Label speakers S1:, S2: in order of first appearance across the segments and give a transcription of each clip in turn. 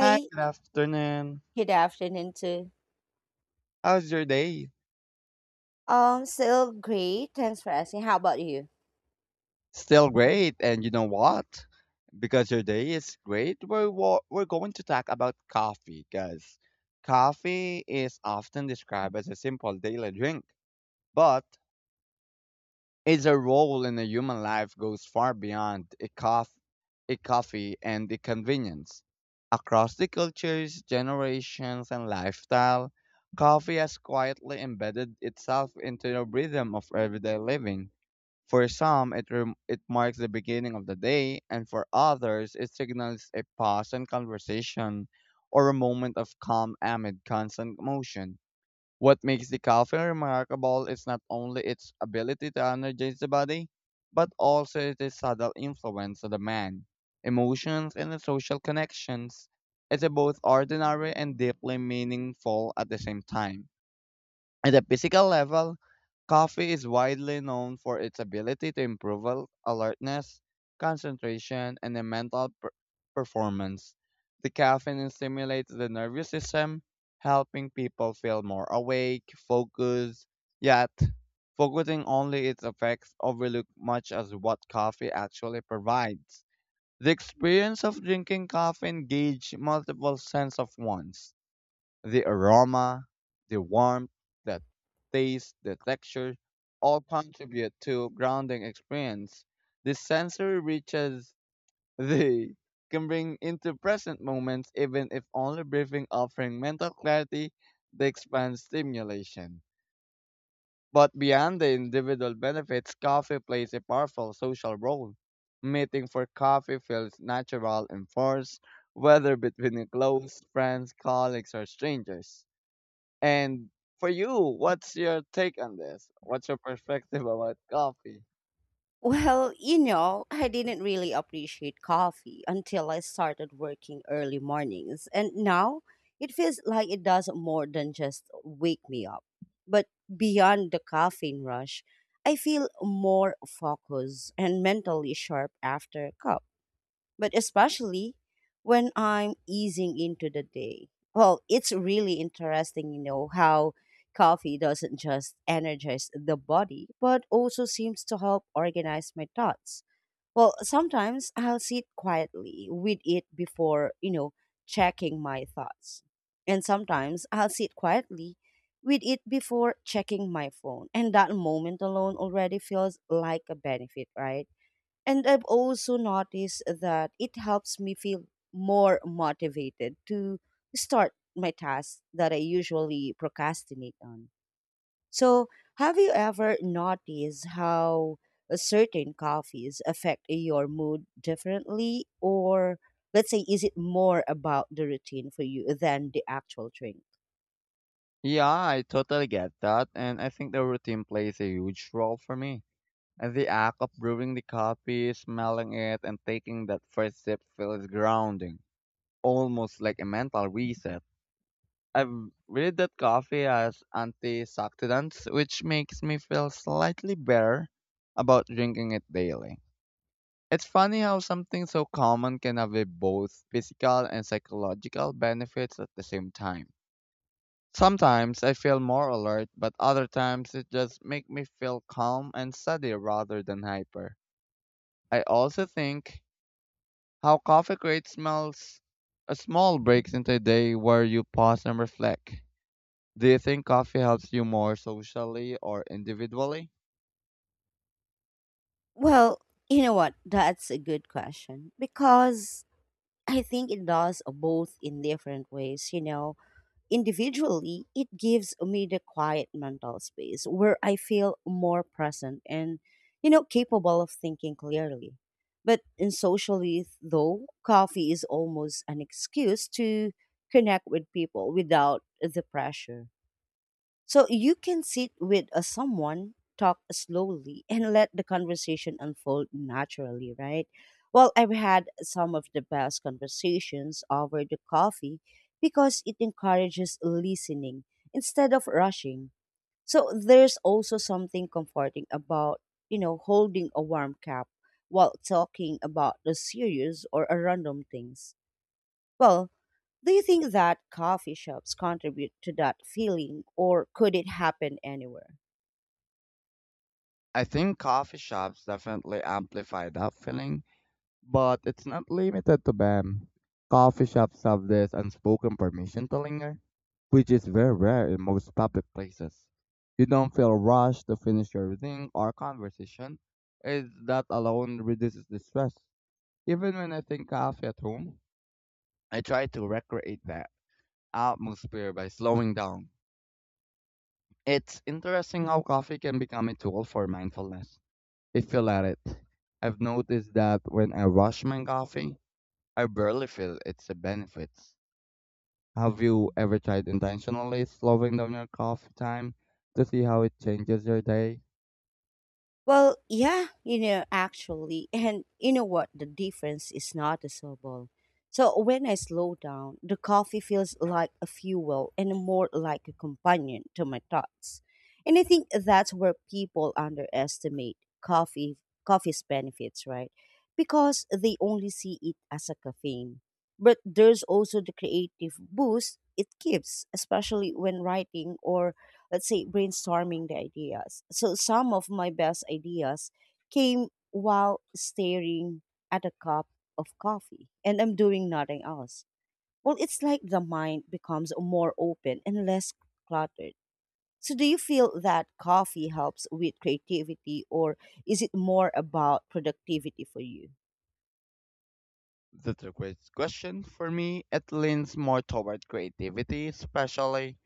S1: Hi, good afternoon.
S2: good afternoon too.
S1: How's your day?
S2: Still great. Thanks for asking. How about you?
S1: Still great, and you know what? Because your day is great, we're going to talk about coffee. Because coffee is often described as a simple daily drink, but its a role in a human life goes far beyond a coffee and the convenience. Across the cultures, generations, and lifestyle, coffee has quietly embedded itself into the rhythm of everyday living. For some, it marks the beginning of the day, and for others, it signals a pause in conversation or a moment of calm amid constant motion. What makes the coffee remarkable is not only its ability to energize the body, but also its subtle influence on the man, emotions, and the social connections. It's both ordinary and deeply meaningful at the same time. At a physical level, coffee is widely known for its ability to improve alertness, concentration, and the mental performance. The caffeine stimulates the nervous system, helping people feel more awake, focused, yet focusing only its effects overlook much as what coffee actually provides. The experience of drinking coffee engage multiple sense of ones the aroma, the warmth, the taste, the texture all contribute to grounding experience. This sensory riches they can bring into present moments even if only briefing offering mental clarity they expand stimulation. But beyond the individual benefits, coffee plays a powerful social role. Meeting for coffee feels natural and forced, whether between your close friends, colleagues, or strangers. And for you, what's your take on this? What's your perspective about coffee?
S2: Well, I didn't really appreciate coffee until I started working early mornings, and now it feels like it does more than just wake me up. But beyond the caffeine rush, I feel more focused and mentally sharp after a cup, but especially when I'm easing into the day. Well, it's really interesting, you know, how coffee doesn't just energize the body, but also seems to help organize my thoughts. Well, sometimes I'll sit quietly with it before checking my thoughts. And sometimes I'll sit quietly with it before checking my phone. And that moment alone already feels like a benefit, right? And I've also noticed that it helps me feel more motivated to start my tasks that I usually procrastinate on. So, have you ever noticed how a certain coffees affect your mood differently? Or, let's say, is it more about the routine for you than the actual drink?
S1: Yeah, I totally get that, and I think the routine plays a huge role for me. And the act of brewing the coffee, smelling it, and taking that first sip feels grounding, almost like a mental reset. I've read that coffee has antioxidants, which makes me feel slightly better about drinking it daily. It's funny how something so common can have a both physical and psychological benefits at the same time. Sometimes I feel more alert, but other times it just makes me feel calm and steady rather than hyper. I also think how coffee creates smells a small breaks into a day where you pause and reflect. Do you think coffee helps you more socially or individually?
S2: Well, you know what? That's a good question because I think it does both in different ways. You know, individually, it gives me the quiet mental space where I feel more present and, you know, capable of thinking clearly. But in socially, though, coffee is almost an excuse to connect with people without the pressure. So you can sit with someone, talk slowly, and let the conversation unfold naturally, right? Well, I've had some of the best conversations over the coffee because it encourages listening instead of rushing. So there's also something comforting about holding a warm cup while talking about the serious or a random things. Well, do you think that coffee shops contribute to that feeling, or could it happen anywhere?
S1: I think coffee shops definitely amplify that feeling, but it's not limited to them. Coffee shops have this unspoken permission to linger, which is very rare in most public places. You don't feel rushed to finish your reading or conversation, as that alone reduces the stress. Even when I think coffee at home, I try to recreate that atmosphere by slowing down. It's interesting how coffee can become a tool for mindfulness, if you let it. I've noticed that when I rush my coffee, I barely feel it's a benefit. Have you ever tried intentionally slowing down your coffee time to see how it changes your day?
S2: Well, yeah, you know, actually, and you know what? The difference is noticeable. So when I slow down, the coffee feels like a fuel and more like a companion to my thoughts. And I think that's where people underestimate coffee's benefits, right? Because they only see it as a caffeine. But there's also the creative boost it gives, especially when writing or let's say brainstorming the ideas. So some of my best ideas came while staring at a cup of coffee and I'm doing nothing else. Well, it's like the mind becomes more open and less cluttered. So do you feel that coffee helps with creativity or is it more about productivity for you?
S1: That's a great question. For me, it leans more toward creativity, especially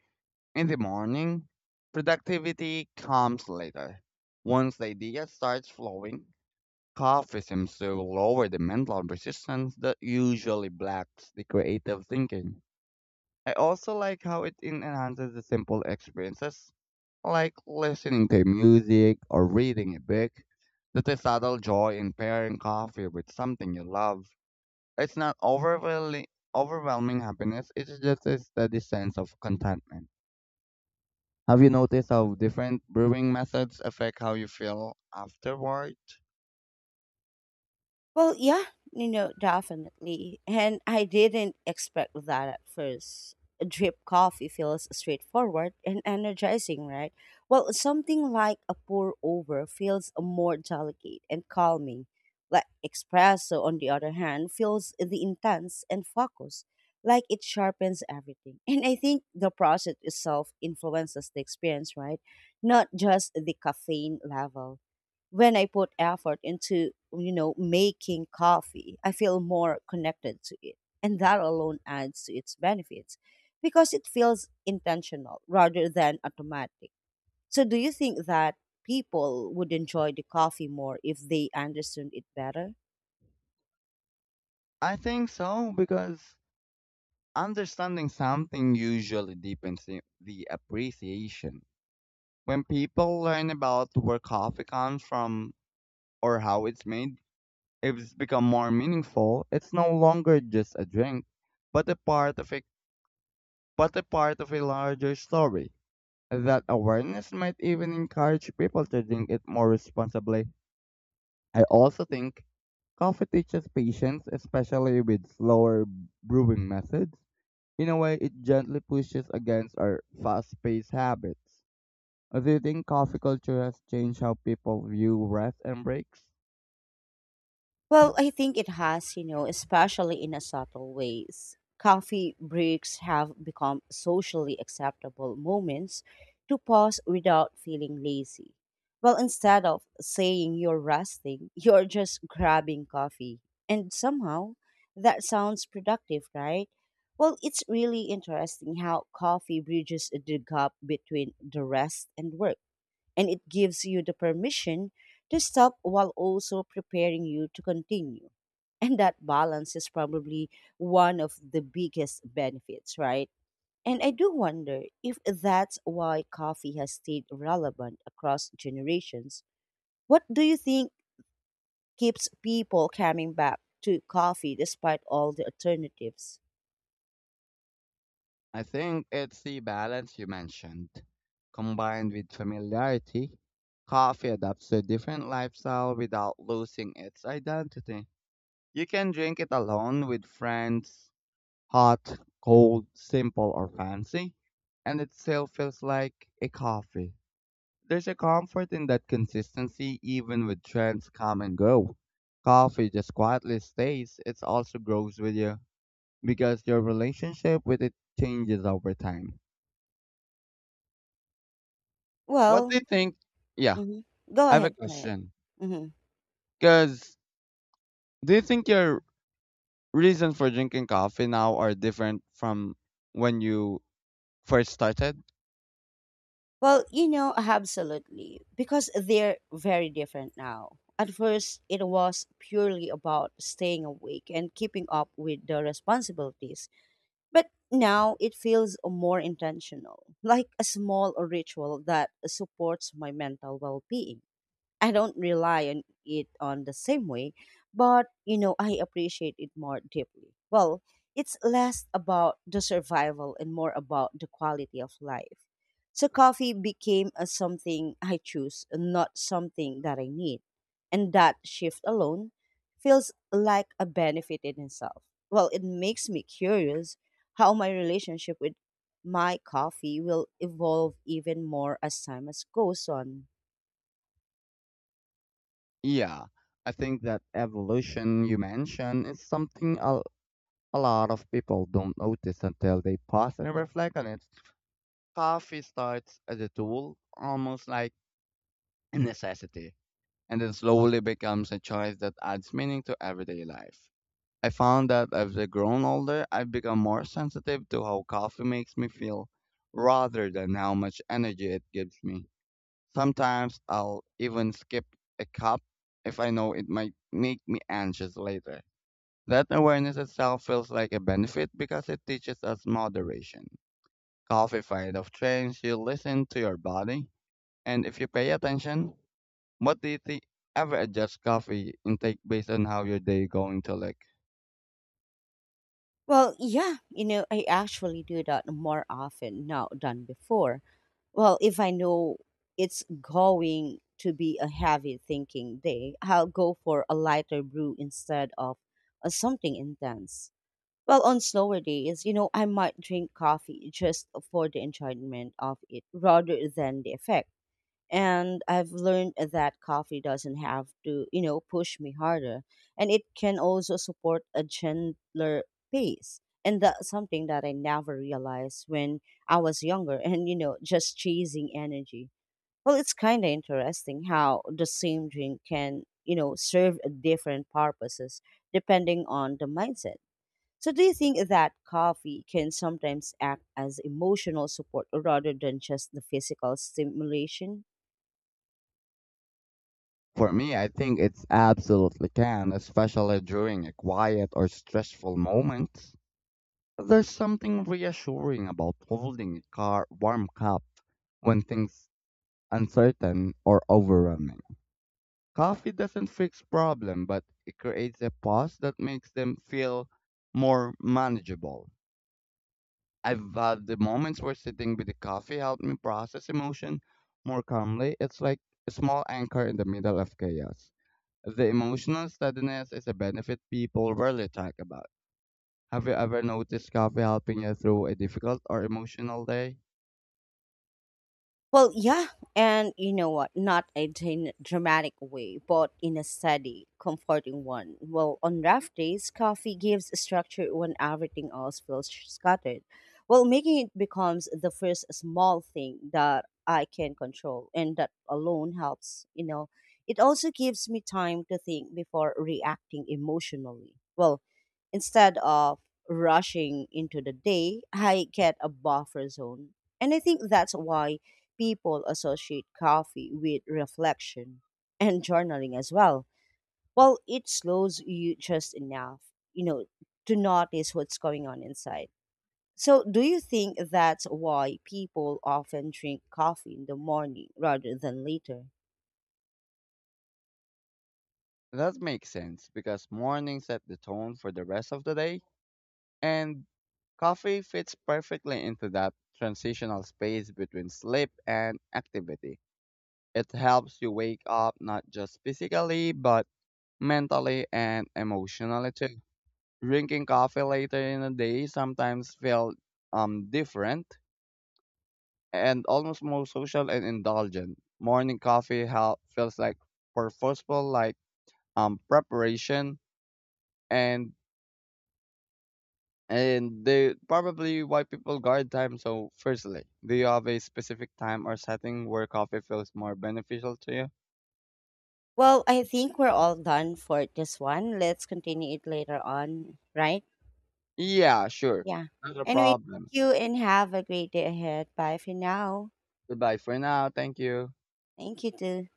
S1: in the morning. Productivity comes later. Once the idea starts flowing, coffee seems to lower the mental resistance that usually blocks the creative thinking. I also like how it enhances the simple experiences like listening to music or reading a book. There's a subtle joy in pairing coffee with something you love. It's not overwhelming, overwhelming happiness, it's just a steady sense of contentment. Have you noticed how different brewing methods affect how you feel afterward?
S2: Well, yeah, you know, definitely. And I didn't expect that at first. A drip coffee feels straightforward and energizing, right? Well, something like a pour over feels more delicate and calming. Like espresso, on the other hand, feels the intense and focused, like it sharpens everything. And I think the process itself influences the experience, right? Not just the caffeine level when I put effort into making coffee, I feel more connected to it. And that alone adds to its benefits because it feels intentional rather than automatic. So, do you think that people would enjoy the coffee more if they understood it better?
S1: I think so, because understanding something usually deepens the appreciation. When people learn about where coffee comes from or how it's made, it's become more meaningful. It's no longer just a drink, but a part of a but a part of a larger story. That awareness might even encourage people to drink it more responsibly. I also think coffee teaches patience, especially with slower brewing methods. In a way, it gently pushes against our fast-paced habits. Do you think coffee culture has changed how people view rest and breaks?
S2: Well, I think it has, you know, especially in a subtle ways. Coffee breaks have become socially acceptable moments to pause without feeling lazy. Well, instead of saying you're resting, you're just grabbing coffee. And somehow that sounds productive, right? Well, it's really interesting how coffee bridges the gap between the rest and work and it gives you the permission to stop while also preparing you to continue. And that balance is probably one of the biggest benefits, right? And I do wonder if that's why coffee has stayed relevant across generations. What do you think keeps people coming back to coffee despite all the alternatives?
S1: I think it's the balance you mentioned. Combined with familiarity, coffee adapts to a different lifestyle without losing its identity. You can drink it alone with friends, hot, cold, simple, or fancy, and it still feels like a coffee. There's a comfort in that consistency even with trends come and go. Coffee just quietly stays, it also grows with you because your relationship with it changes over time. What do
S2: Well,
S1: you think? Yeah,
S2: mhm. Go
S1: I have a
S2: ahead, go ahead.
S1: question.
S2: Mhm.
S1: Because do you think your reason for drinking coffee now are different from when you first started?
S2: Well, you know, absolutely, because they're very different now. At first, it was purely about staying awake and keeping up with the responsibilities. But now it feels more intentional, like a small ritual that supports my mental well being. I don't rely on it on the same way, but you know, I appreciate it more deeply. Well, it's less about the survival and more about the quality of life. So coffee became a something I choose, not something that I need. And that shift alone feels like a benefit in itself. Well, it makes me curious how my relationship with my coffee will evolve even more as time as goes on.
S1: Yeah, I think that evolution you mentioned is something a lot of people don't notice until they pause and reflect on it. Coffee starts as a tool, almost like a necessity, and then slowly becomes a choice that adds meaning to everyday life. I found that as I've grown older, I've become more sensitive to how coffee makes me feel rather than how much energy it gives me. Sometimes I'll even skip a cup if I know it might make me anxious later. That awareness itself feels like a benefit because it teaches us moderation. Coffee fight of trains, you listen to your body, and if you pay attention, what do you think? Ever adjust coffee intake based on how your day going to look?
S2: Well, yeah, you know, I actually do that more often now than before. Well, if I know it's going to be a heavy thinking day, I'll go for a lighter brew instead of something intense. Well, on slower days, you know, I might drink coffee just for the enjoyment of it rather than the effect and I've learned that coffee doesn't have to push me harder, and it can also support a gentler pace. And that's something that I never realized when I was younger and, you know, just chasing energy. Well, it's kind of interesting how the same drink can serve different purposes depending on the mindset. So, do you think that coffee can sometimes act as emotional support rather than just the physical stimulation?
S1: For me, I think it's absolutely can, especially during a quiet or stressful moment. There's something reassuring about holding a car warm cup when things uncertain or overwhelming. Coffee doesn't fix problem, but it creates a pause that makes them feel more manageable. I've had the moments where sitting with the coffee helped me process emotion more calmly. It's like a small anchor in the middle of chaos. The emotional steadiness is a benefit people rarely talk about. Have you ever noticed coffee helping you through a difficult or emotional day?
S2: Well, yeah, and you know what? Not a dramatic way, but in a steady, comforting one. Well, on rough days, coffee gives structure when everything else feels scattered. Well, making it becomes the first small thing that I can control, and that alone helps. You know, it also gives me time to think before reacting emotionally. Well, instead of rushing into the day, I get a buffer zone. And I think that's why people associate coffee with reflection and journaling as well. Well, it slows you just enough, you know, to notice what's going on inside. So, do you think that's why people often drink coffee in the morning rather than later?
S1: That makes sense because morning set the tone for the rest of the day, and coffee fits perfectly into that transitional space between sleep and activity. It helps you wake up not just physically, but mentally and emotionally too. Drinking coffee later in the day sometimes felt different and almost more social and indulgent. Morning coffee help feels like purposeful, like preparation and and they probably why people guard time so firstly. Do you have a specific time or setting where coffee feels more beneficial to you?
S2: Well, I think we're all done for this one. Let's continue it later on, right?
S1: Yeah, sure.
S2: Yeah.
S1: Not a
S2: Anyway, thank
S1: problem.
S2: you and have a great day ahead. Bye for now.
S1: Goodbye for now. Thank you.
S2: Thank you too.